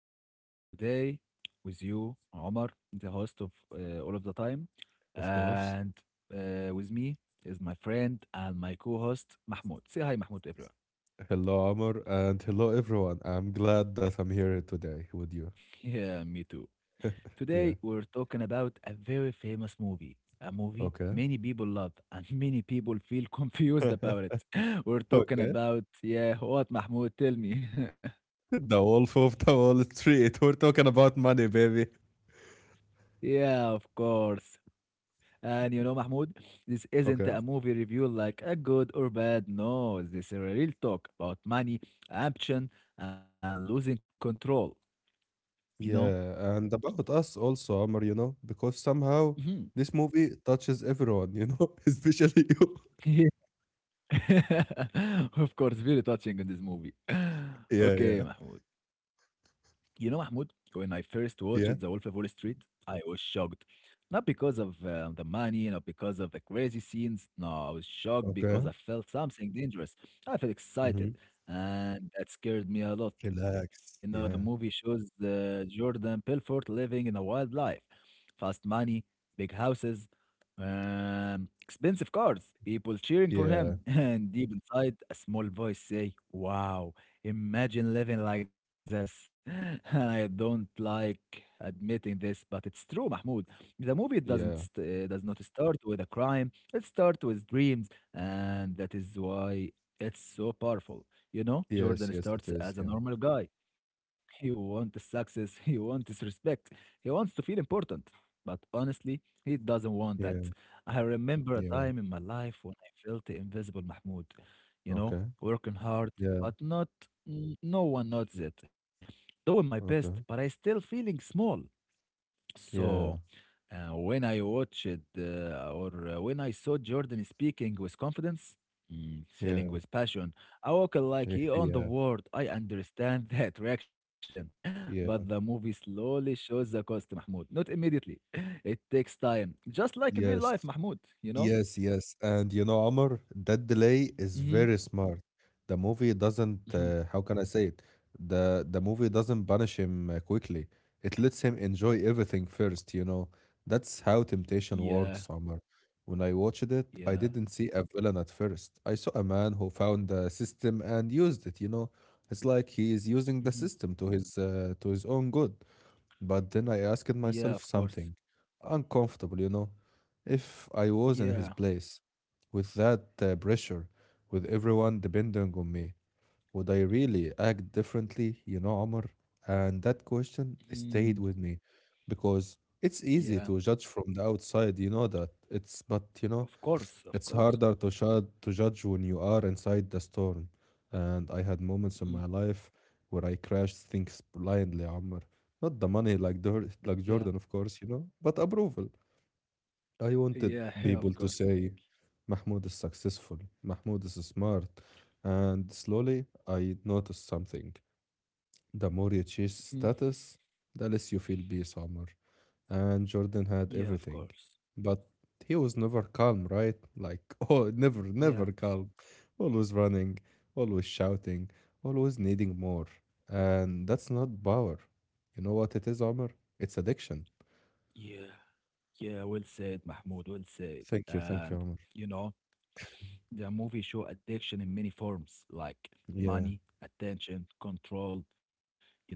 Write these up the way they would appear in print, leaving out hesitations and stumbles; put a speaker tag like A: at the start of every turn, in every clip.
A: podcast. Today, with you, Omar, the host of All of the Time.
B: Of course.
A: And with me is my friend and my co host, Mahmoud. Say hi, Mahmoud, to everyone.
B: Hello, Amor, and hello, everyone. I'm glad that I'm here today with you.
A: Yeah, me too.
B: Yeah.
A: Today, we're talking about a very famous movie, a movie
B: Okay.
A: many people love and many people feel confused about it. We're talking
B: Okay.
A: about, yeah, what, Mahmoud? Tell me.
B: The Wolf of the Wall Street. We're talking about money, baby.
A: Yeah, of course. Mahmoud, this isn't a
B: Okay.
A: movie review like a good or bad. No, this is a real talk about money, ambition, and losing control. You know?
B: Yeah, and about us also, Amor, because somehow
A: Mhm.
B: this movie touches everyone, especially you.
A: Of course, very touching in this movie.
B: Yeah,
A: Okay,
B: yeah,
A: Mahmoud. You know, Mahmoud, when I first watched The Wolf
B: yeah.
A: of Wall Street, I was shocked. Not because of the money, not because of the crazy scenes. No, I was shocked because
B: Okay.
A: I felt something dangerous. I felt
B: Mm-hmm.
A: excited, and that scared me a lot. You
B: Relax.
A: know, the
B: Yeah,
A: movie shows Jordan Belfort living in a wild life, fast money, big houses, expensive cars, people cheering for
B: yeah,
A: him, and deep inside, a small voice say, "Wow." Imagine living like this. I don't like admitting this, but it's true, Mahmoud. The movie
B: yeah.
A: does not start with a crime. It starts with dreams, and that is why it's so powerful. You know,
B: Yes,
A: Jordan
B: yes, it
A: starts
B: is.
A: as a
B: Yeah,
A: normal guy. He wants success. He wants respect. He wants to feel important. But honestly, he doesn't want that.
B: yeah,
A: I remember a
B: yeah.
A: time in my life when I felt invisible, Mahmoud. You know,
B: Okay.
A: working hard,
B: Yeah,
A: but not no one noticed it. Doing my best, but I
B: okay.
A: still feeling small. So
B: Yeah.
A: uh, when I watched uh, or when I saw Jordan speaking with confidence,
B: Yeah,
A: selling with passion, I walk like
B: yeah,
A: he on the
B: yeah,
A: world. I understand that reaction, but the
B: yeah.
A: movie slowly shows the cost, Mahmoud. Not immediately. It takes time, just like in real
B: Yes,
A: life, Mahmoud. You know.
B: yes, yes. And Amr, that delay is
A: hmm
B: very smart. The movie doesn't,
A: hmm
B: uh, how can I say it? The movie doesn't banish him quickly. It lets him enjoy everything first. That's how temptation
A: Yeah.
B: works, Amr. When I watched it, I
A: Yeah.
B: didn't see a villain at first. I saw a man who found the system and used it. It's like he is using the
A: hmm
B: system to his own good. But then I asked
A: Yeah. Of
B: myself
A: course.
B: something uncomfortable. If I was in his
A: Yeah.
B: place, with that pressure, with everyone depending on me, would I really act differently, Amr? And that question
A: Mm-hmm.
B: stayed with me because it's
A: Yeah,
B: easy to judge from the outside, you know that. But
A: of course, of
B: it's
A: course.
B: harder to shud to judge when you are inside the storm. And I had moments in
A: Mhm.
B: my life where I crashed things blindly, Omar. Not the money like
A: Yeah,
B: Jordan, of course, but approval. I wanted
A: yeah, yeah, of
B: people to
A: course.
B: say, "Mahmoud is successful, Mahmoud is smart." And slowly I noticed something. The more you
A: Mhm.
B: chase status, the less you feel peace, Omar. And Jordan
A: Yeah,
B: had
A: of
B: everything.
A: course.
B: But he was never calm, right? Like, oh, never,
A: Yeah,
B: never calm. Always running, always shouting, always needing more. And that's not power. You know what it is, Omar? It's addiction.
A: yeah, yeah. Well said, Mahmoud. Well said.
B: Thank you,
A: And
B: Omar.
A: you know, the movie show addiction in many forms, like
B: Yeah,
A: money, attention, control. You know,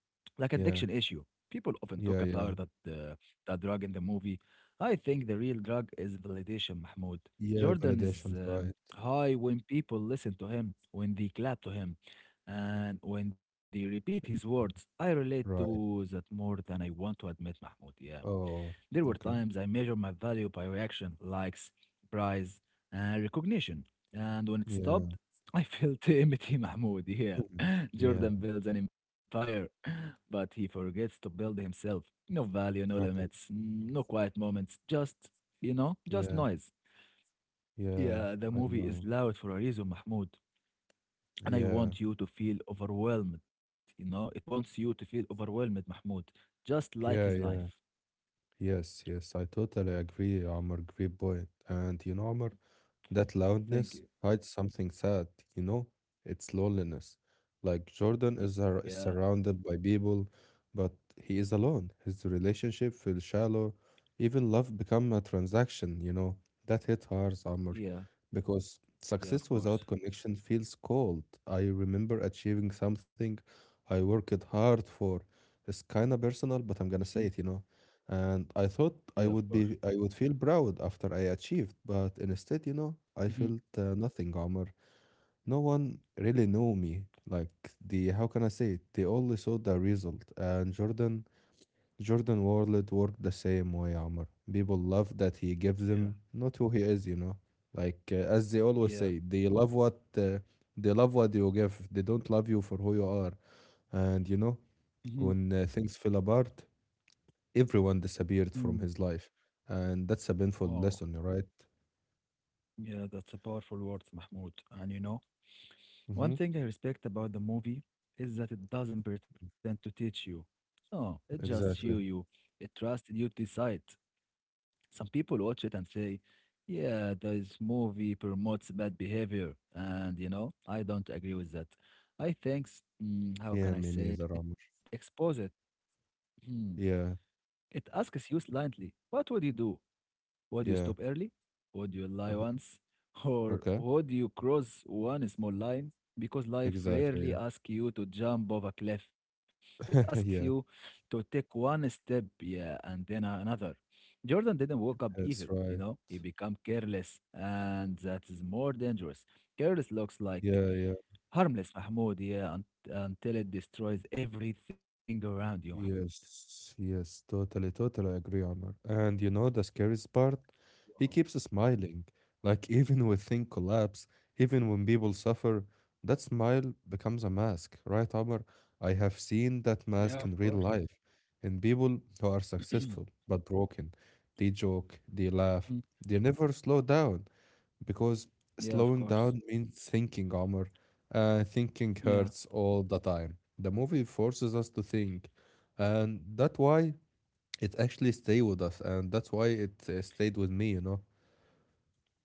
A: like addiction
B: yeah,
A: issue. People often talk
B: yeah,
A: about
B: yeah.
A: that drug in the movie. I think the real drug is validation, Mahmoud.
B: Yeah,
A: Jordan is
B: validations, right,
A: high when people listen to him, when they clap to him, and when they repeat his words. I relate to
B: right.
A: that more than I want to admit, Mahmoud. Yeah.
B: Oh,
A: There were
B: okay.
A: times I measured my value by reaction, likes, prize, and recognition. And when it
B: Yeah,
A: stopped, I felt empty, Mahmoud. Yeah,
B: mhm, yeah,
A: Jordan builds an empire, but he forgets to build himself. No value, no
B: okay.
A: limits, no quiet moments, just, you know, just
B: Yeah,
A: noise.
B: yeah,
A: Yeah, the
B: I
A: movie is
B: know.
A: loud for a reason, Mahmoud. And I
B: Yeah,
A: want you to feel overwhelmed, you know? It wants you to feel overwhelmed, Mahmoud, just like his
B: yeah,
A: life.
B: yeah. Yes, yes, I totally agree, Amr. Great point. And Amr, that
A: Thank
B: loudness
A: you.
B: hides something sad, you know? It's loneliness. Like Jordan is,
A: Yeah,
B: ar- is surrounded by people, but he is alone. His relationship feels shallow. Even love become a transaction, you know? That hit hard, Amr,
A: yeah.
B: because
A: Yeah, of
B: success without
A: course.
B: connection feels cold. I remember achieving something I worked hard for. It's kind of personal, but I'm
A: Mhm.
B: gonna say it, you know? And I thought
A: Yeah, of
B: I
A: course.
B: would be I would feel proud after I achieved, but instead, I
A: Mhm.
B: felt nothing, Omar. No one really knew me. Like the how can I say it? They only saw the result. And Jordan World worked the same way, Omar. People love that he gives
A: Yeah,
B: them not who he is. Like as they always
A: yeah.
B: say, they love what you give. They don't love you for who you are. And
A: Mhm.
B: when things fell apart, everyone disappeared
A: Mm.
B: from his life. And that's a painful
A: Wow.
B: lesson, right?
A: Yeah, that's a powerful word, Mahmoud. And you know, one
B: Mm-hmm.
A: thing I respect about the movie is that it doesn't pretend to teach you. No, it just show you.
B: Exactly.
A: It trusted you to decide. Some people watch it and say, "Yeah, this movie promotes bad behavior," and you know, I don't agree with that. I think, s- mm, How
B: Yeah, me
A: can I
B: neither,
A: say it?
B: Amr.
A: It exposes. Hmm.
B: Yeah,
A: It asks you slightly, "What would you do? Would you
B: yeah.
A: stop early? Would you lie
B: Mhm.
A: once? Or
B: Okay.
A: would you cross one small line? Because life
B: Exactly.
A: rarely asks you to jump off a cliff. It asks
B: Yeah.
A: you
B: Yeah.
A: to take one step, yeah, and then another. Jordan didn't wake up evil,
B: That's
A: you
B: right.
A: know? He became careless, and that is more dangerous. Careless looks like
B: Yeah, yeah.
A: harmless, Mahmoud, yeah, until it destroys everything around you.
B: Yes, yes, totally, totally agree, Omar. And you know the scariest part? He keeps smiling. Like even when things collapse, even when people suffer, that smile becomes a mask, right, Omar? I have seen
A: Yeah,
B: that
A: of
B: mask
A: course.
B: in real life, in people who are successful but broken. They joke, they
A: Mm,
B: laugh, they never slow down because
A: yeah, of
B: slowing
A: course.
B: down means thinking, Omar. Thinking
A: Yeah.
B: hurts all the time. The movie forces us to think, and that's why it actually stayed with us, and that's why it stayed with me. You know?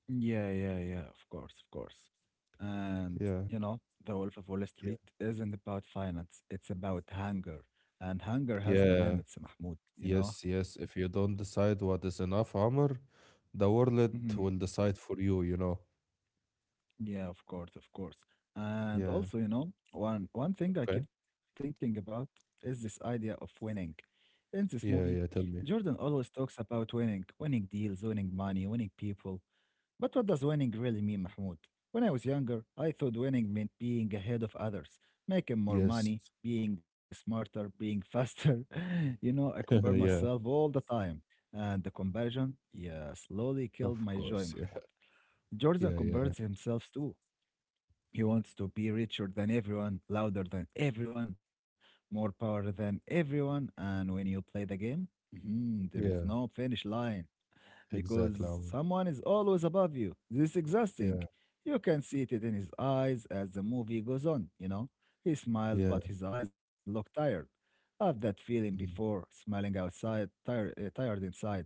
A: Yeah, yeah, yeah, of course, of course. And,
B: Yeah.
A: you know, The Wolf of Wall
B: Yeah.
A: Street isn't about finance, it's about hunger. And hunger has no
B: Yeah.
A: limits, Mahmoud, you know?
B: Yes. Yes. If you don't decide what is enough, Omar, the world will
A: Mhm.
B: decide for you. You know?
A: Yeah, of course, of course. And
B: Yeah.
A: also, you know, one thing
B: Okay.
A: I keep thinking about is this idea of winning. In this movie,
B: Yeah. Yeah. Tell me.
A: Jordan always talks about winning, winning deals, winning money, winning people. But what does winning really mean, Mahmoud? When I was younger, I thought winning meant being ahead of others, making more
B: Yes.
A: money, being smarter, being faster. You know, I compare
B: Yeah.
A: myself all the time. And the comparison, yeah, slowly killed
B: Of
A: my joy,
B: course. Yeah.
A: Mahmoud. Jordan
B: Yeah. Yeah.
A: compares himself too. He wants to be richer than everyone, louder than everyone, more power than everyone. And when you play the game, mhm, there is
B: Yeah.
A: no finish line
B: Exactly,
A: because
B: Omar.
A: someone is always above you. This is exhausting.
B: Yeah.
A: You can see it in his eyes as the movie goes on, you know? He smiled, but
B: Yeah.
A: his eyes looked tired. I've that feeling before,
B: Mm,
A: smiling outside, tired inside.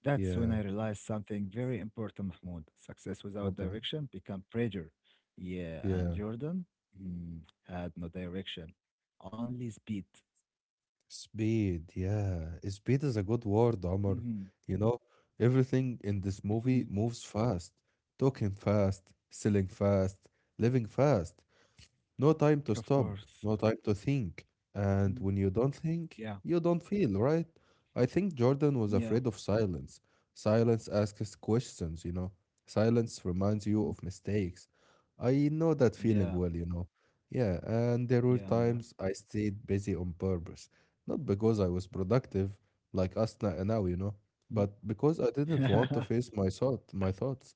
A: That's when
B: yeah.
A: I realized something very important, Mahmoud. Success without
B: Okay.
A: direction become pressure. Yeah, and
B: Yeah.
A: Jordan mm, had no direction, only speed.
B: Speed. Yeah. Speed is a good word, Omar.
A: Mhm,
B: You know, everything in this
A: mhm.
B: movie moves fast. Talking fast, selling fast, living fast. No time to
A: Of
B: stop,
A: course.
B: no time to think.
A: Mhm.
B: And when you don't
A: Yeah,
B: think, you don't feel, right? I think Jordan was
A: yeah,
B: afraid of silence. Silence asks questions. Silence reminds you
A: mhm,
B: of mistakes. I know that feeling
A: yeah.
B: well. Yeah, and there were
A: Yeah, yeah.
B: times I stayed busy on purpose. Not because I was productive, like Asna and now,
A: Mhm.
B: but because I didn't want to face my thoughts.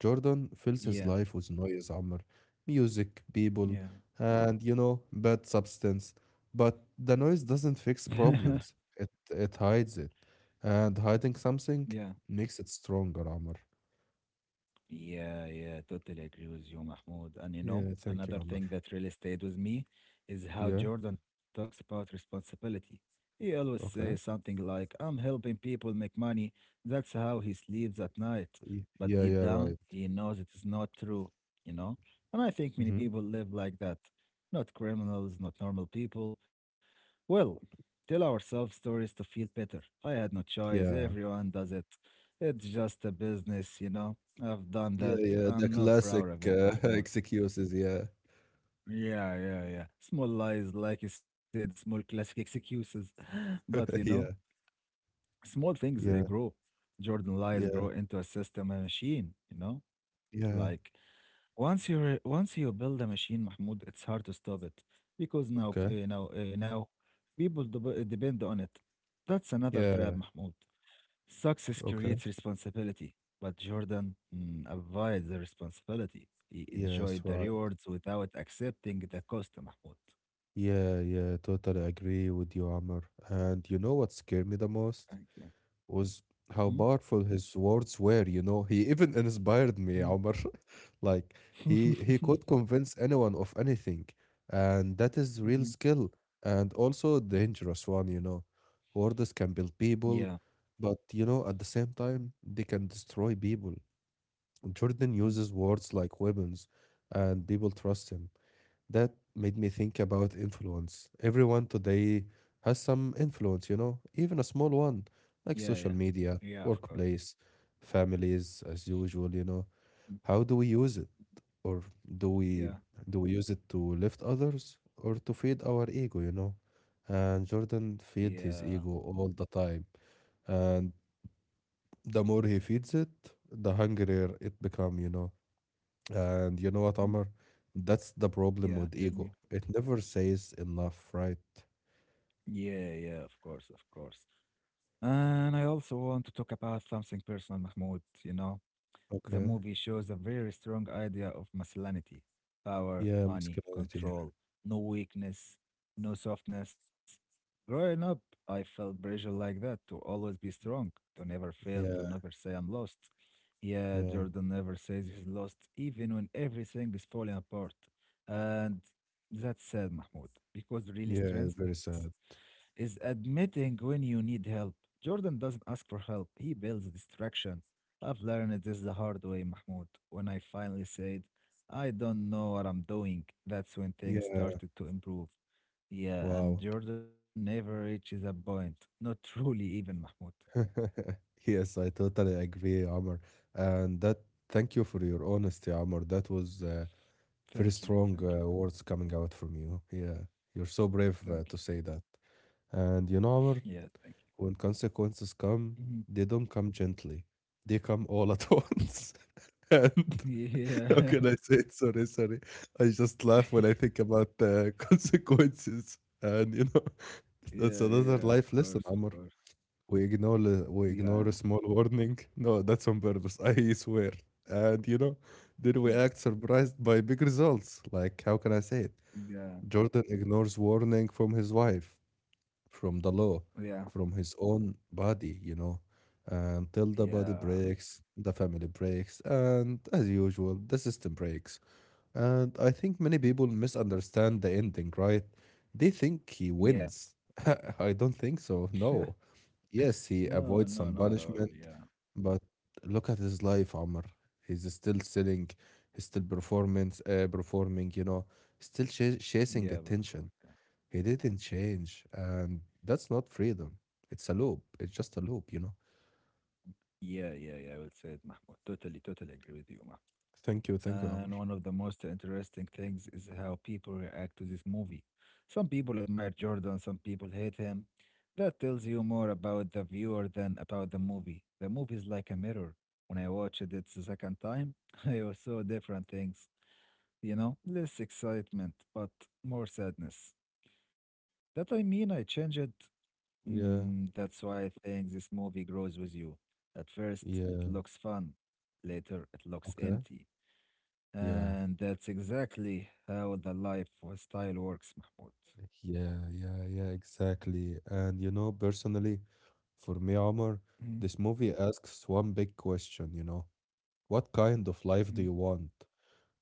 B: Jordan fills his
A: Yeah,
B: life with noise, Amr. Music, people,
A: yeah.
B: and bad substance. But the noise doesn't fix problems. It hides it. And hiding something
A: Yeah,
B: makes it stronger, Amr.
A: yeah, yeah. Totally agree with you, Mahmoud. And you know,
B: Yeah, thank you,
A: another
B: Amr.
A: thing that really stayed with me is how
B: Yeah,
A: Jordan talks about responsibility. He always says
B: okay.
A: something like, I'm helping people make money. That's how he sleeps at night.
B: Y-
A: But
B: Yeah,
A: deep
B: yeah,
A: down,
B: right.
A: he knows it is not true, you know? And I think many
B: Mm-hmm.
A: people live like that. Not criminals, not normal people, well, tell ourselves stories to feel better. I had no choice.
B: Yeah.
A: Everyone does it. It's just a business, you know. I've done
B: Yeah,
A: that.
B: yeah, the
A: I'm not
B: classic
A: proud of it, Mahmoud.
B: excuses. Yeah,
A: Yeah, yeah, yeah. Small lies, like you said, small classic excuses. But, you know,
B: yeah.
A: small things
B: Yeah,
A: grow. Jordan lies grow
B: yeah,
A: into a system, and machine, you know,
B: yeah,
A: like, once you once you build a machine, Mahmoud, it's hard to stop it because
B: okay.
A: now people depend on it. That's another trap,
B: Yeah,
A: Mahmoud. Success
B: okay.
A: creates responsibility, but Jordan avoided the responsibility. He
B: Yes,
A: enjoyed the
B: right.
A: rewards without accepting the cost, Mahmoud.
B: Yeah, yeah, totally agree with you, Amr. And you know what scared me the
A: Thank
B: most
A: you.
B: was
A: Mhm,
B: how powerful his words were. He even inspired me,
A: mhm.
B: Amr. Like he could convince anyone of anything. And that is real
A: Mhm.
B: skill and also a dangerous one, you know. Words can build
A: Yeah.
B: people, but at the same time, they can destroy people. Jordan
A: Mm.
B: uses words like weapons, and people trust him. That made me think about influence. Everyone today has some influence, even a small one,
A: Yeah,
B: like
A: yeah.
B: social media,
A: Yeah, of course.
B: workplace, families, as usual.
A: Mm.
B: How do we use it? Or do we
A: Yeah.
B: do we use it to lift others or to feed our ego, you know? And Jordan feed
A: Yeah.
B: his ego all the time. And the more he feeds it, the hungrier it become. And you know what,
A: Mm.
B: Omar? That's the problem
A: Yeah,
B: with
A: tell me.
B: ego. It never says enough, right?
A: Yeah, yeah, of course, of course. And I also want to talk about something personal, Mahmoud. You know, the
B: Okay.
A: movie shows a very strong idea of masculinity, power,
B: Yeah,
A: money,
B: masculinity.
A: control, no weakness, no softness. Growing up, I felt pressure like that to always be strong, to never fail, to
B: Yeah,
A: never say I'm lost. Yeah,
B: yeah,
A: Jordan never says he's lost, even when everything is falling apart. And that's sad, Mahmoud, because real
B: yeah. Very
A: strength
B: sad.
A: is admitting when you need help. Jordan doesn't ask for help, he builds distraction. I've learned this the hard way, Mahmoud. When I finally said, I don't know what I'm doing, that's when things
B: Yeah.
A: started to improve. Yeah, and
B: Wow.
A: Jordan never reaches a point. Not truly, even Mahmoud.
B: Yes, I totally agree, Amr. And that, thank you for your honesty, Amr. That was very
A: Thank you,
B: strong
A: thank you,
B: words coming out from you. Yeah, you're so brave
A: thank
B: to say that. And Amr,
A: you. Yeah, thank
B: when consequences come,
A: you.
B: they don't come gently. They come all at once. And
A: Mhm.
B: how can
A: Yeah.
B: I say it? Sorry, sorry. I just laugh when I think about the consequences. And
A: Yeah,
B: that's
A: yeah, of
B: another life
A: course,
B: lesson,
A: of course.
B: Amr. We ignore we
A: Yeah,
B: ignore a small warning. No, that's on purpose. I swear. And then we
A: Mhm.
B: act surprised by big results. Like how can I say it?
A: yeah,
B: Jordan ignores warning from his wife from the law,
A: yeah,
B: from his own body, until the body
A: yeah,
B: breaks, the family breaks, and as usual, the system breaks. And I think many
A: Mhm.
B: people misunderstand the ending, right? They think he
A: yeah.
B: wins. I don't think so,
A: Yeah.
B: no. Yes, he
A: No, no,
B: avoids
A: not
B: some
A: at all.
B: punishment,
A: Yeah.
B: but look at his life, Amr. He's still selling, he's still performing, still ch chasing
A: Yeah, but from
B: attention.
A: Mecca.
B: He didn't change, and that's not freedom. It's a loop. It's just a loop, you know.
A: Yeah, yeah, yeah. I will say it, Mahmoud. Totally, totally agree with you, Mahmoud.
B: Thank you, Amr.
A: And one of the most interesting things is how people react to this movie. Some people admire Jordan, some people hate him. That tells you more about the viewer than about the movie. The movie is like a mirror. When I watched it the second time, I saw different things. You know, less excitement, but more sadness. That I mean, I changed.
B: Yeah,
A: Mm, that's why I think this movie grows with you. At first, it
B: yeah,
A: looks fun. Later, it looks
B: okay.
A: empty.
B: Yeah,
A: And that's exactly how the life style works, Mahmoud.
B: yeah, yeah, yeah, exactly. And personally, for me, Amr,
A: Mhm,
B: this movie asks one big question, you know. What kind of
A: mhm.
B: life do you want?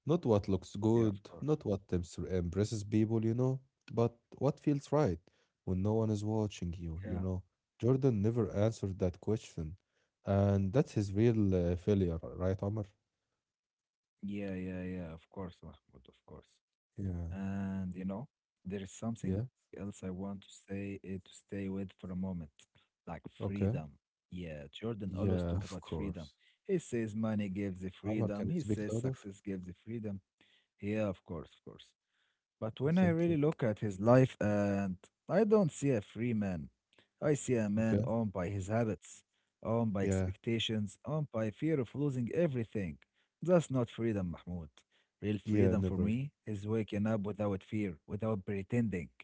B: Not what looks
A: Yeah, of
B: good,
A: course.
B: not what impresses people, but what feels right when no one is watching
A: Yeah.
B: you, you know. Jordan never answered that question. And that's his real failure, right, Omar?
A: Yeah, yeah, yeah, of course, Mahmoud, of course.
B: Yeah,
A: And you know, there is something
B: yeah,
A: else I want to stay with for a moment, like freedom.
B: okay.
A: Yeah, Jordan always
B: Yeah,
A: talk
B: of
A: about freedom.
B: course.
A: He says money gives the
B: Omar, can
A: freedom.
B: you
A: He
B: speak
A: says
B: louder?
A: success gives the freedom. Yeah, of course, of course. But when I
B: Thank you.
A: really look at his life, and I don't see a free man. I see a man
B: Okay.
A: owned by his habits, owned by
B: Yeah,
A: expectations, owned by fear of losing everything. That's not freedom, Mahmoud. Real
B: yeah,
A: freedom for
B: never.
A: me is waking up without fear, without pretending.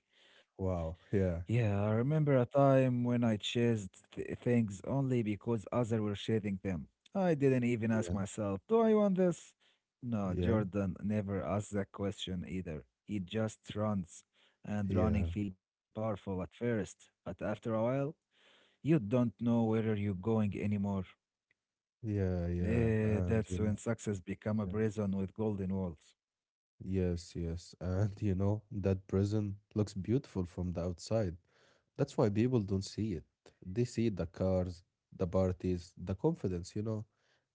B: Wow. Yeah,
A: Yeah, I remember a time when I chased things only because others were chasing them. I didn't even ask
B: yeah,
A: myself, do I want this? No,
B: yeah,
A: Jordan never asks that question either. He just runs, and
B: yeah,
A: running feel powerful at first, but after a while, you don't know where you're going anymore.
B: yeah, yeah.
A: Eh, that's when success become a prison with golden walls.
B: Yes, yes. And that prison looks beautiful from the outside. That's why people don't see it. They see the cars, the parties, the confidence, you know.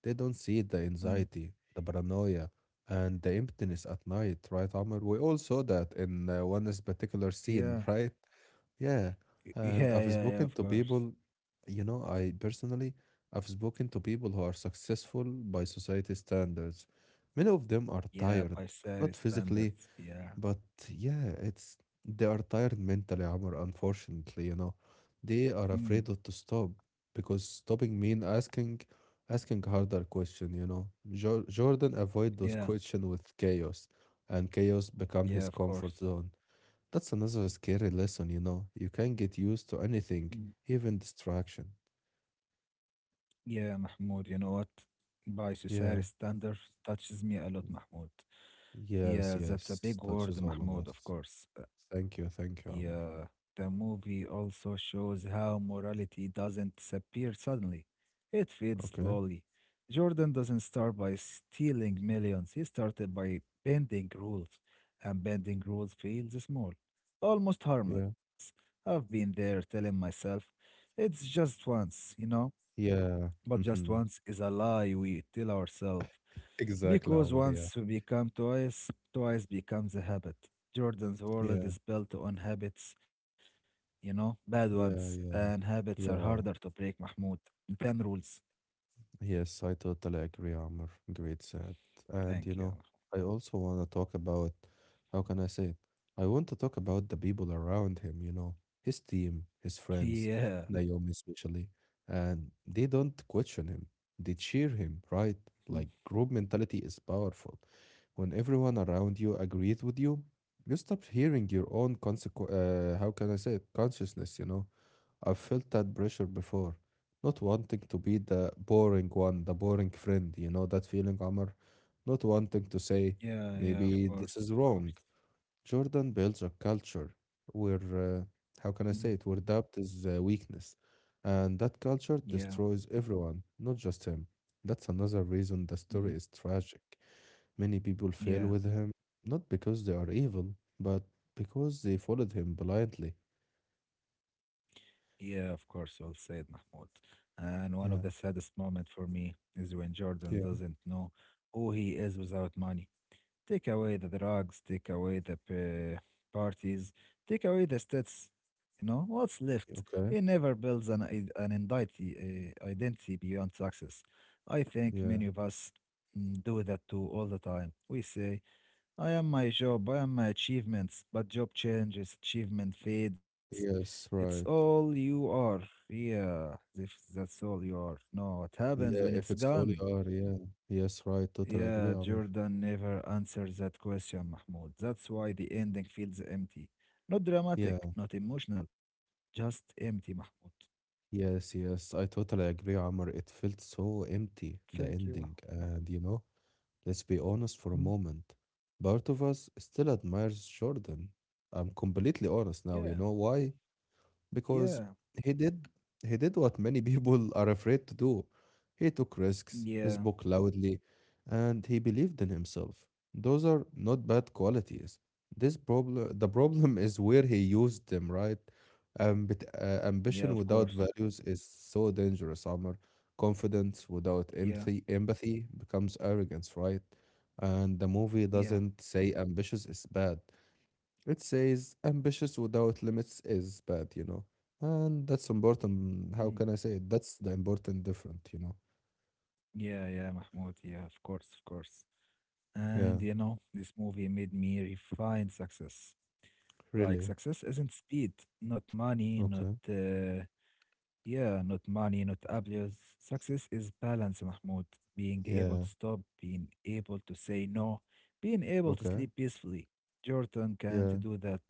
B: They don't see the
A: Mm,
B: anxiety, the paranoia, and the emptiness at night, right, Amr? We all saw that in one particular scene, right?
A: yeah,
B: Yeah. And
A: yeah, yeah, yeah, of course.
B: I personally, I've spoken to people who are successful by society standards. Many of them are tired,
A: Yeah, by
B: not
A: Sarah
B: physically,
A: standards, yeah.
B: but yeah, it's they are tired mentally, Amr, unfortunately, you know. They are
A: Hmm.
B: afraid of to stop because stopping mean asking harder question, you know. Jo Jordan avoid those
A: Yeah,
B: question with chaos, and chaos become his
A: yeah, of
B: comfort
A: course.
B: zone. That's another scary lesson, you know. You can get used to anything,
A: Mm.
B: even distraction.
A: Yeah, Mahmoud, you know what? By
B: Yeah.
A: society standards touches me a lot, Mahmoud.
B: Yes,
A: Yeah, that's a
B: yes.
A: big word,
B: Touches all of
A: Mahmoud,
B: us.
A: of course.
B: Thank you, Amr.
A: Yeah, the movie also shows how morality doesn't disappear suddenly. It fades
B: Okay.
A: slowly. Jordan doesn't start by stealing millions. He started by bending rules, and bending rules feels small, almost
B: Yeah.
A: harmless. I've been there telling myself, it's just once, you know?
B: Yeah.
A: But just
B: hmm
A: once is a lie we tell ourselves.
B: Exactly,
A: Because
B: Amr. Yeah.
A: once we become twice, twice becomes a habit. Jordan's
B: Yeah.
A: world is built on habits, bad
B: Yeah.
A: ones.
B: Yeah.
A: And habits are
B: Yeah.
A: harder to break, Mahmoud, than rules.
B: Yes, I totally agree, Amr. Great said. And
A: Thank you.
B: I also want to talk about how can I say it? I want to talk about the people around him, his team, his friends,
A: Yeah.
B: Naomi especially. And they don't question him, they cheer him, right? Like
A: Mm.
B: group mentality is powerful. When everyone around you agrees with you, you stop hearing your own consequ how can I say it? Consciousness. I've felt that pressure before. Not wanting to be the boring one, the boring friend, you know that feeling, Amr? Not wanting to say,
A: Yeah,
B: maybe
A: yeah, of
B: this is
A: course,
B: wrong.
A: of course.
B: Jordan builds a culture where, uh, how can I
A: Mm.
B: say it, where doubt is weakness. And that culture
A: Yeah.
B: destroys everyone, not just him. That's another reason the story is
A: Hmm.
B: tragic. Many people fail with
A: Yeah.
B: him, not because they are evil, but because they followed him blindly.
A: Yeah, of course, well said, Mahmoud. And one of
B: Yeah.
A: the saddest moment for me is when Jordan
B: Yeah.
A: doesn't know who he is without money. Take away the drugs, take away the parties, take away the stats. You know, what's left? He
B: Okay.
A: never builds an identity beyond success. I think
B: Yeah.
A: many of us do that too all the time. We say, I am my job, I am my achievements, but job changes, achievement fades.
B: Yes,
A: It's
B: right.
A: all you are. Yeah, if that's all you are. No, what
B: Yeah,
A: happens when
B: if
A: it's
B: it's holy
A: gone?
B: hour, yeah. Yes, right. Totally agree,
A: Yeah,
B: Amr.
A: Jordan never answers that question, Mahmoud. That's why the ending feels empty. Not
B: Yeah,
A: dramatic, not emotional, just empty, Mahmoud.
B: yes, yes. I totally agree, Amr. It felt so empty, the
A: Thank you,
B: ending. And let's be honest for a
A: Mahmoud.
B: moment. Part of us still admires Jordan. I'm completely honest now.
A: Yeah,
B: You know why? Because
A: yeah,
B: he did he did what many people are afraid to do. He took risks, he
A: yeah,
B: spoke loudly, and he believed in himself. Those are not bad qualities. The problem is where he used them, right?
A: yeah, of
B: Ambition
A: course.
B: without values is so dangerous, Amr. Confidence without
A: Yeah,
B: empathy, empathy becomes arrogance, right? And the movie
A: yeah,
B: doesn't say ambitious is bad. It says ambitious without limits is bad. And that's
A: mhm.
B: important. How can I say it? That's the important different.
A: Yeah, yeah, Mahmoud. Yeah, of course, of course.
B: Yeah,
A: And you know, this movie made me refine success. Like,
B: really.
A: success isn't speed, not money, not
B: Okay.
A: yeah, not money, not abuse. Success is balance, Mahmoud. Being able to
B: Yeah.
A: stop, being able to say no, being able to
B: Okay.
A: sleep peacefully. Jordan can't
B: Yeah.
A: do that.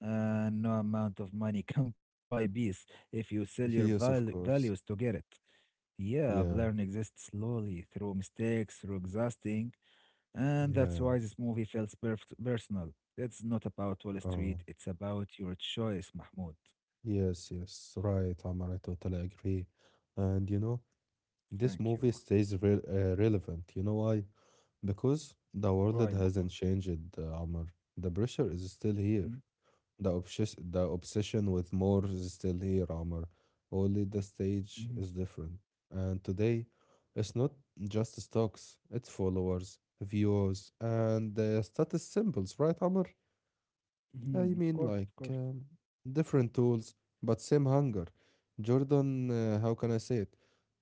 A: And no amount of money can buy peace if you sell your
B: Yes, of
A: values to
B: course.
A: get it. Yeah, I've
B: Yeah.
A: learned exist slowly through mistakes, through exhausting, and that's
B: Yeah.
A: why this movie feels personal. It's not about Wall
B: Oh,
A: Street, it's about your choice, Mahmoud.
B: yes, yes. Right, Amar. I totally agree. And
A: Thank
B: this
A: you.
B: movie stays re relevant. You know why? Because the
A: Why,
B: world hasn't
A: Mahmoud?
B: changed, Amar. The pressure is still here.
A: Hmm?
B: The obsession with more is still here, Amr. Only the
A: Mhm,
B: stage is different. And today, it's not just stocks, it's followers, views, and status symbols, right, Amr? I
A: mhm, of
B: mean,
A: course,
B: like
A: of course.
B: different tools, but same hunger. Jordan, how can I say it?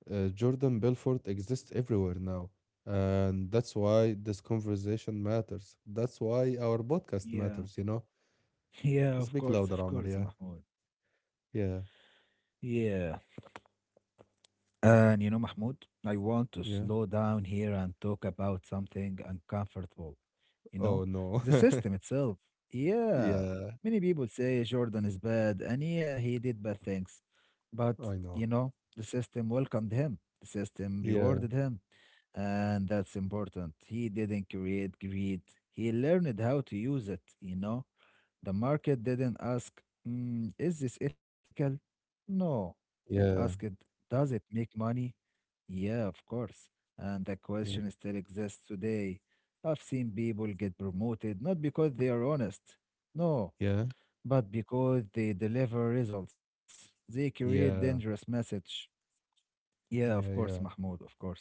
B: Jordan Belfort exists everywhere now. And that's why this conversation matters. That's why our podcast
A: Yeah.
B: matters, you know?
A: Yeah,
B: Speak louder,
A: of
B: Amr,
A: course,
B: yeah.
A: Mahmoud.
B: Yeah.
A: Yeah. And you know, Mahmoud, I want to
B: Yeah.
A: slow down here and talk about something uncomfortable, you
B: Oh
A: know?
B: no.
A: The system itself. Yeah.
B: Yeah,
A: Many people say Jordan is bad, and yeah, he did bad things. But,
B: I know.
A: the system welcomed him. The system
B: Yeah,
A: rewarded him, and that's important. He didn't create greed. He learned how to use it, you know? The market didn't ask, "Is this ethical? No. It asked,
B: yeah,
A: does it make money? Yeah, of course. And the
B: yeah,
A: question still exists today. I've seen people get promoted not because they are honest, no,
B: yeah,
A: but because they deliver results. They create dangerous
B: yeah,
A: message. Yeah, of
B: yeah,
A: course,
B: yeah.
A: Mahmoud, of course.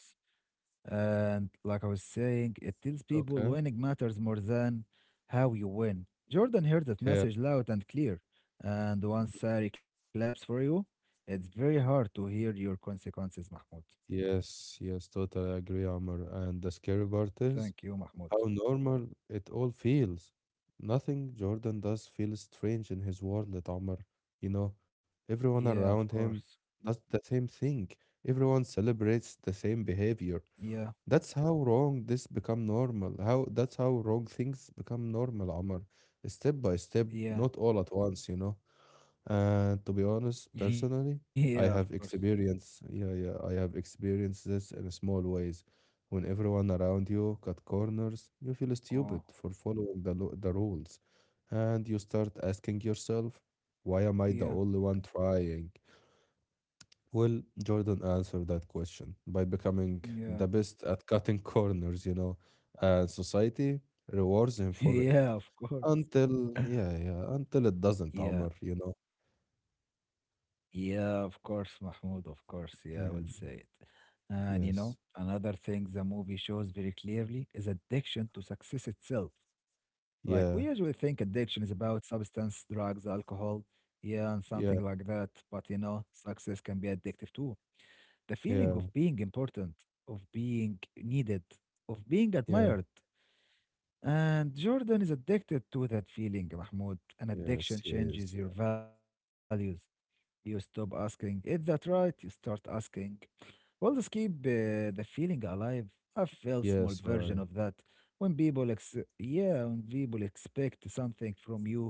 A: And like I was saying, it tells people
B: Okay.
A: winning matters more than how you win. Jordan heard that
B: Yeah.
A: message loud and clear. And once Sari claps for you, it's very hard to hear your consequences, Mahmoud.
B: Yes, yes, totally agree, Amr. And the scary part is
A: Thank you,
B: how
A: Mahmoud.
B: normal it all feels. Nothing Jordan does feels strange in his world, Amr. You know, everyone
A: Yeah,
B: around
A: of
B: him
A: course.
B: does the same thing. Everyone celebrates the same behavior.
A: Yeah,
B: That's how wrong this become normal. How That's how wrong things become normal, Omar. Step by step, not all
A: yeah,
B: at once. And to be honest,
A: yeah, of course.
B: personally, I have experience. Yeah, yeah, I have experienced this in small ways. When everyone around you cut
A: Oh,
B: corners, you feel stupid for following the rules, and you start asking
A: yeah,
B: yourself, "Why am I the only one trying?" Well, Jordan answered that question
A: yeah,
B: by becoming the best at cutting corners, and society
A: yeah,
B: rewards
A: of
B: him for it
A: course.
B: until, yeah, yeah, until it
A: Yeah.
B: doesn't, Amr.
A: Yeah, of course, Mahmoud, of course. Yeah, I
B: Yeah,
A: will say it. And you know,
B: yes,
A: another thing the movie shows very clearly is addiction to success itself. Like, we
B: yeah,
A: usually think addiction is about substance, drugs, alcohol, yeah, and
B: yeah,
A: something like that. But success can be addictive too. The feeling
B: yeah,
A: of being important, of being needed, of being
B: yeah,
A: admired. And Jordan is addicted to that feeling, Mahmoud. An addiction
B: yes,
A: changes
B: yes,
A: your
B: yeah.
A: values you stop asking, is that right? You start asking, will this keep the feeling alive? I feel small version of that.
B: Yes, right,
A: When people, yeah, when people expect something from you,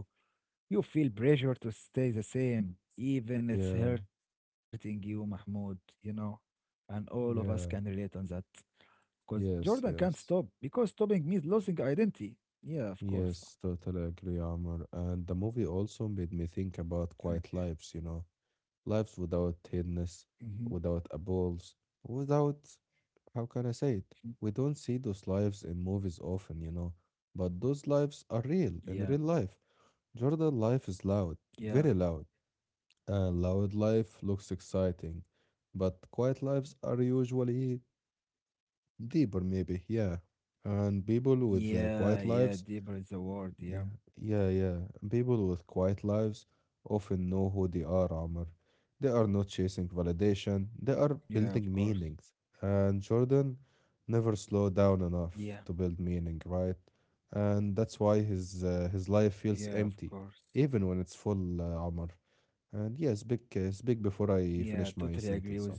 A: you feel pressure to stay the same, even it's hurting you,
B: yeah,
A: Mahmoud, you know? And all of us can relate on that.
B: yeah,
A: Because Jordan can't stop,
B: yes,
A: because stopping
B: yes.
A: means losing identity. Yeah, of course. Oh.
B: Yes, totally agree, Amr. And the movie also made me
A: Thank
B: think
A: you.
B: about quiet lives. Lives without
A: Hmm.
B: hiddenness, without apples, without how can I say it? We don't see those lives in movies often, but those lives are
A: Yeah,
B: real in real life. Jordan life is
A: yeah.
B: loud, very loud. Loud life looks exciting, but quiet lives are usually deeper, maybe, yeah. And people
A: Yeah,
B: with
A: yeah,
B: quiet
A: deeper is the
B: lives
A: word. Yeah.
B: yeah, yeah, yeah. People with quiet lives often know who they are, Amr. They are not chasing
A: Yeah, of course.
B: validation, they are building meanings. And Jordan
A: Yeah.
B: never slowed down enough to build meaning, right? And that's why
A: Yeah, of
B: his
A: course.
B: life feels empty, even when it's full, Amr. And yeah, speak,
A: Yeah,
B: uh, speak
A: totally
B: before
A: agree with
B: I
A: you,
B: finish my
A: Mahmoud.
B: sentence on.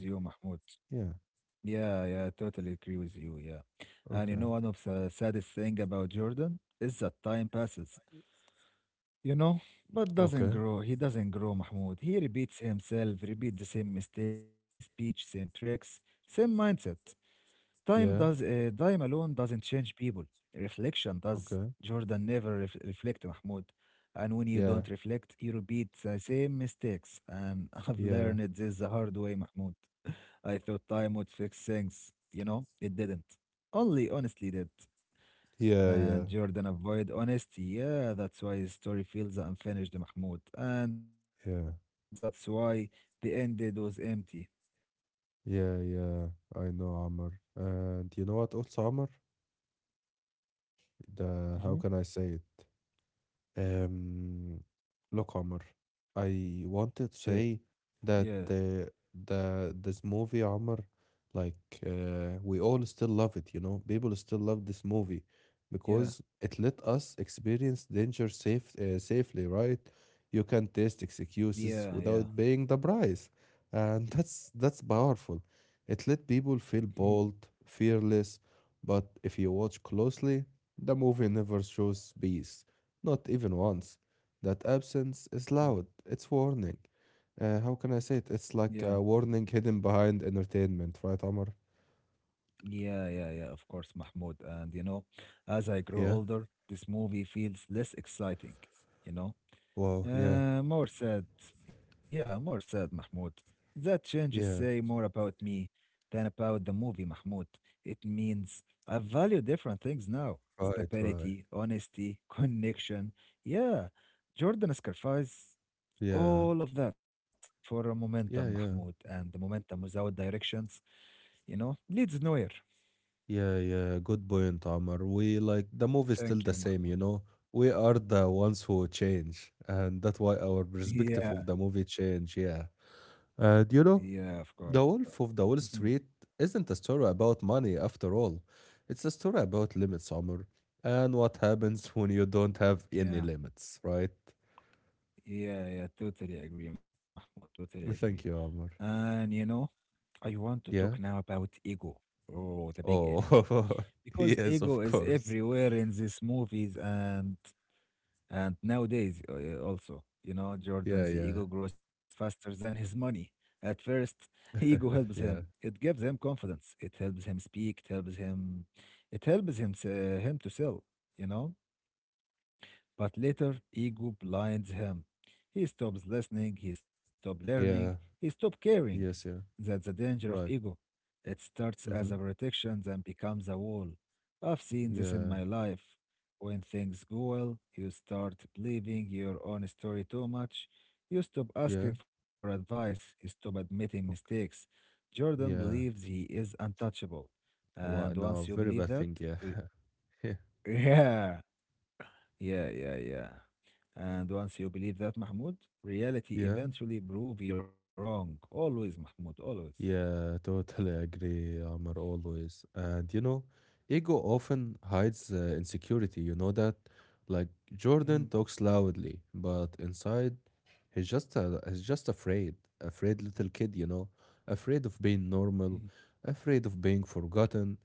A: Yeah,
B: Yeah,
A: yeah, totally agree with you. Yeah. And you know, one of the
B: okay.
A: saddest thing about Jordan is that time passes, you know, but doesn't grow. He doesn't grow,
B: Okay.
A: Mahmoud. He repeats himself, repeats the same mistakes, same speech, same tricks, same mindset. Time
B: Yeah,
A: alone doesn't change people. Reflection does. Jordan
B: okay.
A: never reflect, Mahmoud. And when you don't reflect,
B: Yeah,
A: you repeat the same mistakes. And I've learned this
B: yeah,
A: the hard way, Mahmoud. I thought time would fix things. You know, it didn't. Only honestly did.
B: yeah, yeah,
A: And Jordan avoid honesty. Yeah, that's why his story feels unfinished, Mahmoud. And that's
B: yeah.
A: why the ended was empty.
B: Yeah, yeah, I know Amr. And you know what also Amr?
A: Hmm.
B: The How can I say it? Um, Look, Omar,
A: Uh,
B: I wanted to
A: yeah,
B: say that the this movie, Omar, like we all still love it. People still love this movie
A: yeah,
B: because it let us experience danger safely, right? You can taste
A: yeah, yeah.
B: excuses without paying the price, and that's powerful. It let people feel
A: Mhm.
B: bold, fearless, but if you watch closely, the movie never shows peace not even once. That absence is loud. It's warning. How can I say it? It's
A: Yeah,
B: like a warning hidden behind entertainment, right, Amar?
A: yeah, yeah, yeah, of course, Mahmoud. And you know, as I grow
B: Yeah.
A: older, this movie feels less exciting, you know?
B: Wow. Yeah.
A: More sad. Yeah, more sad, Mahmoud. That changes say
B: Yeah.
A: more about me than about the movie, Mahmoud. It means I value different things now.
B: Right. Right.
A: Stability, honesty, connection. Yeah, Jordan sacrificed
B: Yeah.
A: all of that for a momentum,
B: Yeah.
A: Mahmoud.
B: Yeah.
A: And the momentum without directions, leads nowhere.
B: Yeah. Yeah. Good point, Amar. We like the movie's still
A: Thank
B: the
A: you,
B: same,
A: Mahmoud.
B: you know. We are the ones who change, and that's why our perspective
A: Yeah,
B: of the movie change. Yeah. And
A: yeah, of course.
B: The
A: Uh,
B: Wolf of the Wall
A: mhm.
B: Street isn't a story about money after all. It's a story about limits, Omar, and what happens when you don't have any
A: Yeah,
B: limits, right?
A: yeah, yeah, totally agree, Mahmoud. Totally agree.
B: Thank you, Omar.
A: And you know, I want to talk
B: Yeah?
A: now about ego, oh, the big enemy,
B: Oh,
A: because
B: yes,
A: ego
B: of
A: is
B: course.
A: everywhere in these movies and nowadays also. You know,
B: Yeah,
A: Jordan's
B: yeah.
A: ego grows faster than his money. At first, ego helps him.
B: yeah,
A: It gives him confidence. It helps him speak. It helps him. It helps him to sell. You know But later, ego blinds him. He stops listening, he stops learning,
B: yeah.
A: he stops caring.
B: Yes, yeah.
A: That's the danger of
B: Right.
A: ego. It starts as a
B: Mm-hmm.
A: protection, then becomes a wall. I've seen this in
B: Yeah,
A: my life. When things go well, you start believing your own story too much. You stop
B: yeah.
A: asking for advice, you stop admitting
B: Okay.
A: mistakes. Jordan believes
B: Yeah.
A: he is untouchable. And
B: What?
A: once
B: No,
A: you
B: very
A: believe
B: bad
A: that,
B: thing, yeah. Yeah.
A: yeah, yeah, yeah, yeah. And once you believe that, Mahmoud, reality
B: Yeah.
A: eventually prove you wrong. Always, Mahmoud, always.
B: Yeah, totally agree, Amr, always. And ego often hides insecurity, you know that? Like Jordan
A: Mm,
B: talks loudly, but inside he's just afraid little kid, afraid of being
A: mm,
B: normal, afraid of being forgotten,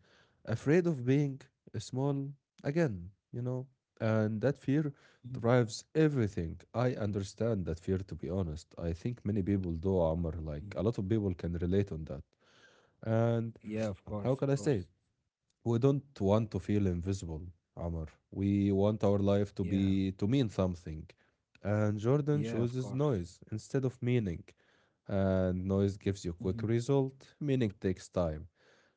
B: afraid of being small again. And that fear
A: mm,
B: drives everything. I understand that fear, to be honest. I think many people do, Amr.
A: mm,
B: Like a lot of people can relate on that. And
A: yeah, of course, of
B: how can I
A: course.
B: say it? We don't want to feel invisible, Amr. We want our life to
A: Yeah,
B: be to mean something. And Jordan
A: yeah, of
B: chooses
A: course.
B: noise instead of meaning. And noise gives you
A: Mm.
B: quick result. Meaning takes time.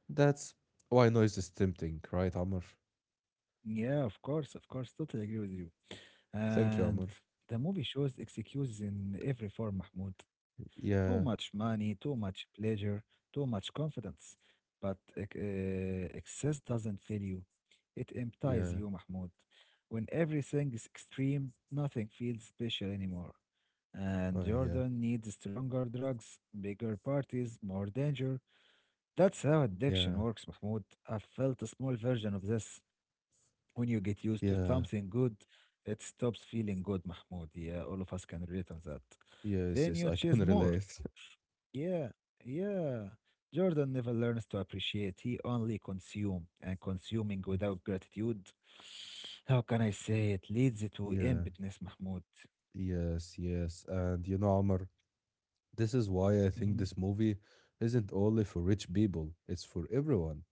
B: That's why noise is tempting, right, Amr?
A: Yeah, of course, of course. Totally agree with you.
B: Thank you,
A: And
B: Amr.
A: the movie shows excuses in every form, Mahmoud. Too much
B: Yeah,
A: money, too much pleasure, too much confidence. But excess doesn't fill you, it empties
B: yeah,
A: you, Mahmoud. When everything is extreme, nothing feels special anymore. And
B: yeah,
A: Jordan needs stronger drugs, bigger parties, more danger. That's how addiction
B: yeah,
A: works, Mahmoud. I felt a small version of this when you get used to
B: yeah.
A: something good, it stops feeling good, Mahmoud. Yeah, all of us can relate on that.
B: Yes,
A: Then
B: yes,
A: you
B: I can
A: chase more.
B: relate.
A: Yeah, yeah. Jordan never learns to appreciate. He only consume and consuming without gratitude. How can I say it? Leads to
B: Yeah,
A: emptiness, Mahmoud.
B: yes, yes. And, Amr, this is why I
A: Mhm.
B: think this movie isn't only for rich people, it's for everyone.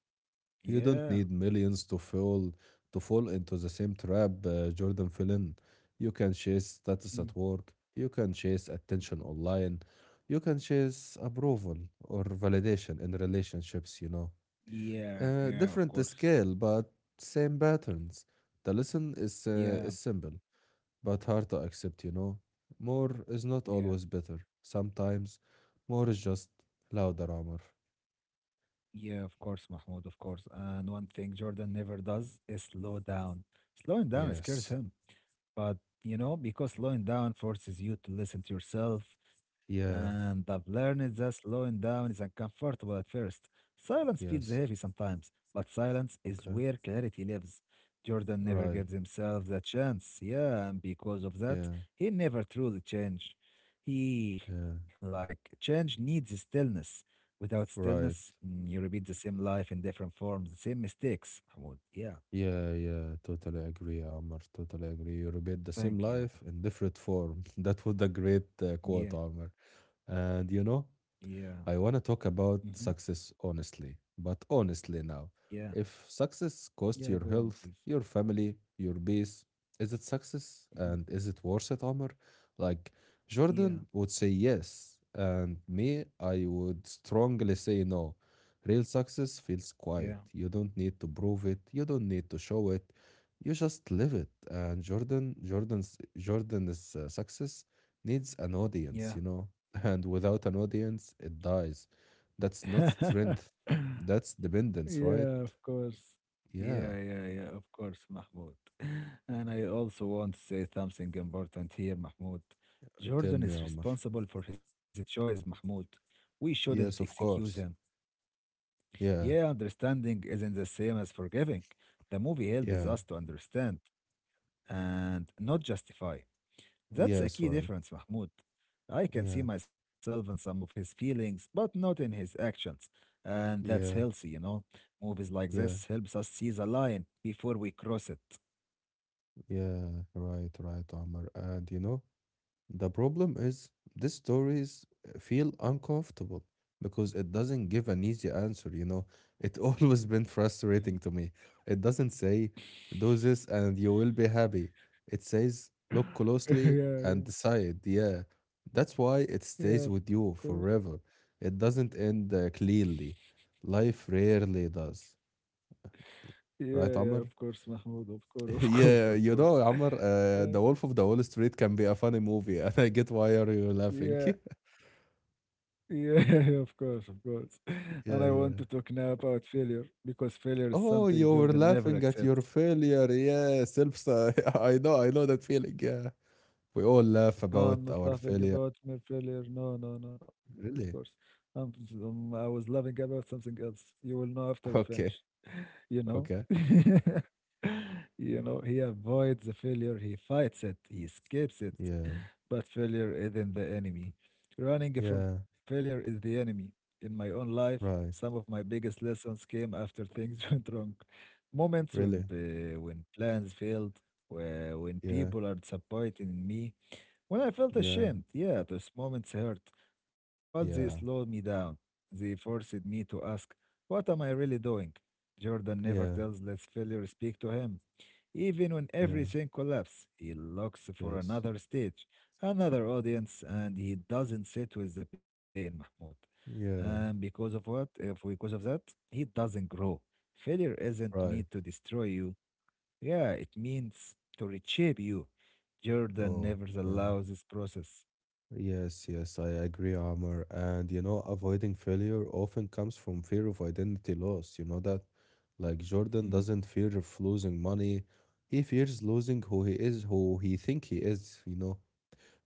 B: You
A: Yeah.
B: don't need millions to fall into the same trap Jordan fell in. You can chase status
A: Mhm.
B: at work, you can chase attention online, you can chase approval or validation in relationships.
A: Yeah,
B: Uh,
A: yeah, of
B: different
A: course.
B: scale but same patterns. The lesson is uh,
A: Yeah,
B: is simple but hard to accept. More is not
A: yeah.
B: always better. Sometimes more is just louder armor.
A: Yeah, of course, Mahmoud, of course. And one thing Jordan never does is slow down. Slowing down scares
B: Yes.
A: him. But, because slowing down forces you to listen to yourself,
B: Yeah.
A: and I've learned that slowing down is uncomfortable at first. Silence feels
B: Yes.
A: heavy sometimes, but silence is
B: Okay.
A: where clarity lives. Jordan never
B: Right.
A: gives himself that chance. Yeah, and because of that,
B: Yeah.
A: he never truly changed. He,
B: Yeah.
A: like, change needs stillness. Without stillness,
B: Right.
A: you repeat the same life in different forms, the same mistakes. Mahmoud. Yeah,
B: Yeah. Yeah. Totally agree, Amr. Totally agree. You repeat the same
A: thank you.
B: life in different form. That was the great quote,
A: Yeah,
B: Amr. And
A: yeah.
B: I want to talk about
A: Hmm.
B: success honestly, but honestly now.
A: Yeah.
B: If success
A: Yeah.
B: costs your
A: Go on,
B: health,
A: please.
B: your family, your peace, is it success
A: Mhm.
B: and is it worth it, Omar? Like
A: Yeah.
B: Jordan would say yes, and me, I would strongly say no. Real success feels
A: Yeah.
B: quiet. You don't need to prove it, you don't need to show it. You just live it. And Jordan's success needs an audience,
A: Yeah.
B: you know. And without an audience, it dies. That's not strength. That's dependence, right?
A: yeah. Of course.
B: Yeah.
A: Yeah. Yeah. Yeah. Of course, Mahmoud. And I also want to say something important here, Mahmoud.
B: Tell
A: Jordan
B: me,
A: is
B: Omar.
A: responsible for his choice, Mahmoud. We shouldn't
B: Yes, of
A: excuse him.
B: course.
A: Yeah,
B: Yeah.
A: understanding isn't the same as forgiving. The movie helps
B: Yeah.
A: us to understand and not justify. That's a
B: Yes,
A: key
B: right.
A: difference, Mahmoud. I can see
B: Yeah.
A: myself in some of his feelings, but not in his actions. And that's
B: Yeah.
A: healthy. Movies like
B: Yeah.
A: this helps us see the line before we cross it.
B: Yeah. Right, right, Omar. And the problem is these stories feel uncomfortable because it doesn't give an easy answer. It always been
A: Mm.
B: frustrating to me. It doesn't say do this and you will be happy. It says look
A: yeah,
B: closely and
A: yeah,
B: decide. Yeah. That's why it
A: yeah,
B: stays
A: of
B: with
A: course.
B: you forever. It doesn't end cleanly. Life rarely does.
A: Yeah,
B: Right,
A: yeah, of
B: Amr?
A: course, Mahmoud, of course, of course,
B: Yeah,
A: of course.
B: Amr,
A: Uh,
B: The Wolf of the Wall Street can be a funny movie, and I get why are you laughing.
A: yeah, yeah, of course, of course.
B: Yeah,
A: And I
B: yeah.
A: want to talk now about failure because failure is
B: Oh, you
A: something
B: were
A: Jordan
B: laughing at
A: never
B: your
A: accepts.
B: failure. Yeah, self. I know that feeling. Yeah, we all laugh
A: No,
B: about
A: I'm
B: our
A: not laughing
B: failure.
A: about my failure. No, no, no, no, of course.
B: Really?
A: I was laughing about something else. You will know after we finish,
B: Okay,
A: you know?
B: okay.
A: You know, he avoids the failure, he fights it, he escapes it.
B: Yeah,
A: But failure isn't the enemy. Running from
B: yeah.
A: failure is the enemy. In my own life, some
B: Right.
A: of my biggest lessons came after things went wrong. Moments when,
B: Really?
A: uh, when plans failed, when
B: Yeah,
A: people are disappointed in me when I felt
B: yeah,
A: ashamed, yeah, those moments hurt, but they slowed
B: yeah,
A: me down. They forced me to ask, what am I really doing? Jordan never
B: yeah,
A: tells let failure speak to him. Even when
B: yeah.
A: everything collapses, he looks for
B: Yes.
A: another stage, another audience, and he doesn't sit with the pain, Mahmoud. And
B: Yeah.
A: because of what? If because of that, he doesn't grow. Failure isn't
B: Right.
A: meant to destroy you. Yeah, it means to reshape you. Jordan
B: Oh,
A: never
B: yeah.
A: allows this process.
B: Yes, yes, I agree, Amr. And avoiding failure often comes from fear of identity loss. You know that? Like Jordan
A: Hmm.
B: doesn't fear of losing money. He fears losing who he is, who he think he is.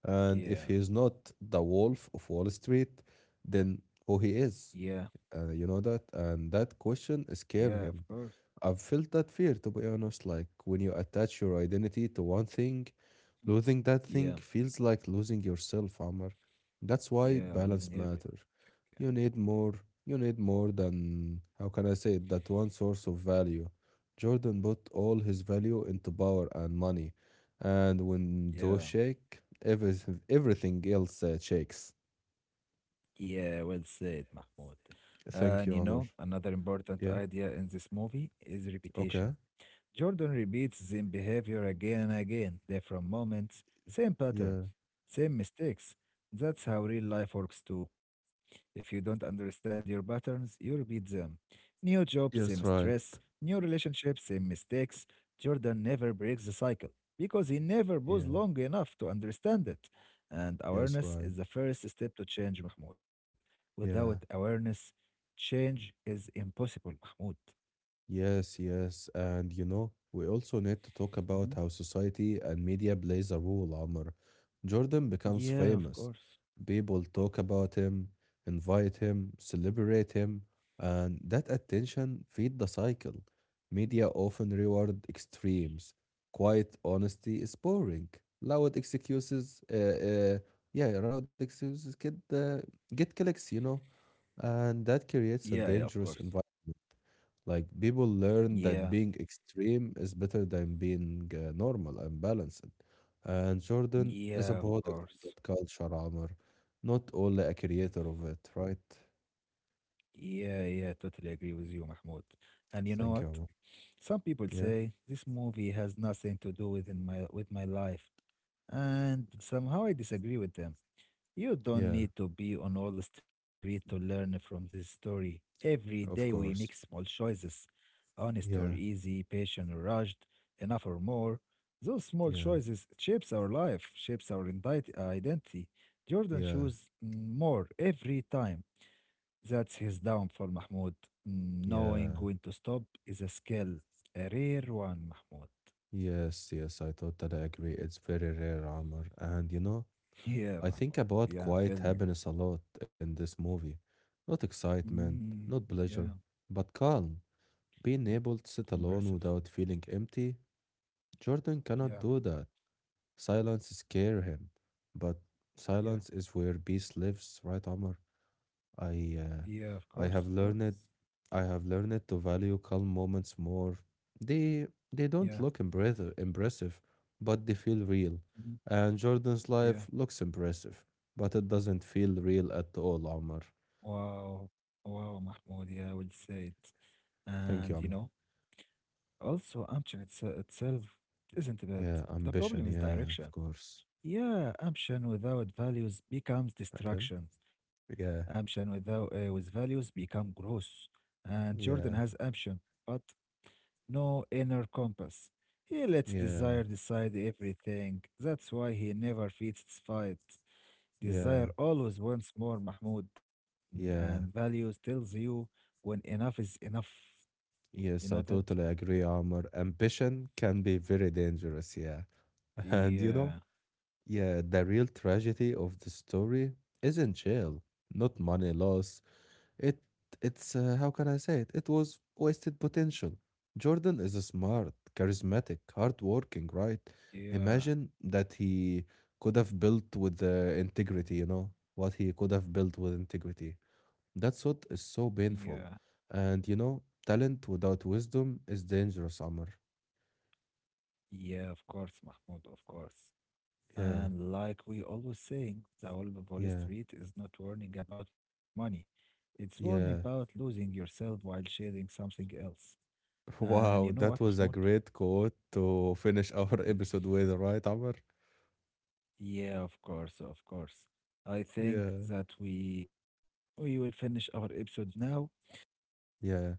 B: And if
A: Yeah,
B: he is not the wolf of Wall Street, then who he
A: yeah,
B: is. You know that? And that question
A: yeah,
B: scare
A: of
B: him.
A: course.
B: I've felt that fear, to be honest. Like when you attach your identity to one thing,
A: Hmm.
B: losing that thing
A: Yeah,
B: feels like losing yourself, Amr. That's why
A: yeah,
B: balance
A: losing everything.
B: matters.
A: Yeah,
B: You need more. You need more than, how can I say it, that one source of value. Jordan put all his value into power and money. And when those
A: yeah,
B: shake, everything else shakes.
A: yeah, well said, Mahmoud.
B: Thank
A: And
B: you,
A: you
B: Amr.
A: know, another important
B: Yeah.
A: idea in this movie is
B: Okay.
A: reputation. Jordan repeats same behavior again and again, different moments, same patterns,
B: Yeah.
A: same mistakes. That's how real life works too. If you don't understand your patterns, you repeat them. New job, same
B: Yes,
A: stress,
B: right.
A: new relationship, same mistakes. Jordan never breaks the cycle because he never was
B: Yeah.
A: long enough to understand it. And
B: Yes,
A: awareness
B: right.
A: is the first step to change, Mahmoud. Without
B: Yeah.
A: awareness, change is impossible, Mahmoud.
B: Yes, yes. And we also need to talk
A: Mhm.
B: about how society and media plays a role, Amr. Jordan becomes
A: Yeah, of
B: famous.
A: course.
B: People talk about him, invite him, celebrate him, and that attention feed the cycle. Media often reward extremes. Quiet honesty is boring. Loud excuses, yeah, loud excuses get clicks, and that
A: Yeah,
B: creates a
A: yeah, of course.
B: dangerous environment. Like people learn
A: Yeah,
B: that being extreme is better than being normal and balanced. And Jordan is a
A: yeah, of
B: product of
A: course.
B: that culture, Amr, not only a
A: Mm.
B: creator of it, right?
A: Yeah, yeah, totally agree with you, Mahmoud. And you know
B: Thank you,
A: what?
B: Amr.
A: Some people
B: Yeah,
A: say this movie has nothing to do with my life, and somehow I disagree with them. You don't
B: yeah,
A: need to be on all the street to learn from this story. Every day we
B: of
A: make small
B: course.
A: choices, honest or
B: Yeah,
A: easy, patient or rushed, enough or more. Those small
B: yeah,
A: choices shapes our life, shapes our identity. Jordan
B: yeah,
A: chose more every time. That's his downfall, Mahmoud. Knowing
B: yeah.
A: when to stop is a skill, a rare one, Mahmoud.
B: Yes, yes, I totally agree. It's very rare, Amr. And
A: Yeah,
B: I think
A: Mahmoud.
B: about
A: Yeah, tell
B: quiet
A: me.
B: happiness a lot in this movie. Not excitement,
A: Mm,
B: not
A: yeah,
B: pleasure, but calm. Being able to sit
A: impressive.
B: alone without feeling empty, Jordan
A: Yeah,
B: cannot do that. Silence scare him, but
A: yeah.
B: silence is where peace lives, right, Amr? I, uh,
A: Yeah, of course, of
B: I have
A: course.
B: learned, I have learned to value calm moments more. They, they
A: Yeah,
B: don't look impressive, but they feel real.
A: mm,
B: And Jordan's
A: yeah.
B: life looks impressive, but it doesn't feel real at all, Amr.
A: Wow, wow, Mahmoud. Yeah, I would say it.
B: Thank
A: And
B: you,
A: you
B: Amr.
A: know, also Amchan itself isn't bad.
B: Yeah,
A: The
B: ambition.
A: problem is
B: Yeah, of
A: direction.
B: course.
A: Yeah, Amchan without values becomes
B: Again.
A: destruction.
B: Yeah.
A: Amchan without with values become gross. And Jordan has
B: Yeah.
A: ambition, but no inner compass. He lets
B: Yeah,
A: desire decide everything. That's why he never feeds its fight.
B: yeah,
A: Desire always wants more, Mahmoud, and
B: yeah.
A: values tells you when enough is enough. You
B: Yes,
A: know
B: I
A: that?
B: totally agree, Amr. Ambition can be very dangerous, yeah. And
A: Yeah,
B: yeah, the real tragedy of the story isn't jail, not money loss. It it's how can I say it? It was wasted potential. Jordan is smart, charismatic, hardworking, right?
A: yeah,
B: Imagine that he could have built with integrity, what he could have built with integrity. That's what is so
A: yeah,
B: painful. And talent without wisdom is dangerous, Amr.
A: yeah, of course, Mahmoud, of course.
B: Yeah,
A: And like we always saying, the whole of Wall
B: yeah,
A: Street is not warning about money. It's warning about
B: yeah.
A: losing yourself while chasing something else. And you
B: Wow,
A: know what,
B: that was a
A: Mahmoud?
B: great quote to finish our episode with, right, Amr?
A: Yeah, of course, of course. I think
B: Yeah,
A: that we will finish our episode now.
B: yeah.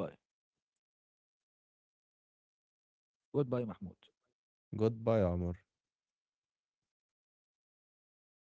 A: Goodbye. جود باي محمود
B: Goodbye, Amr.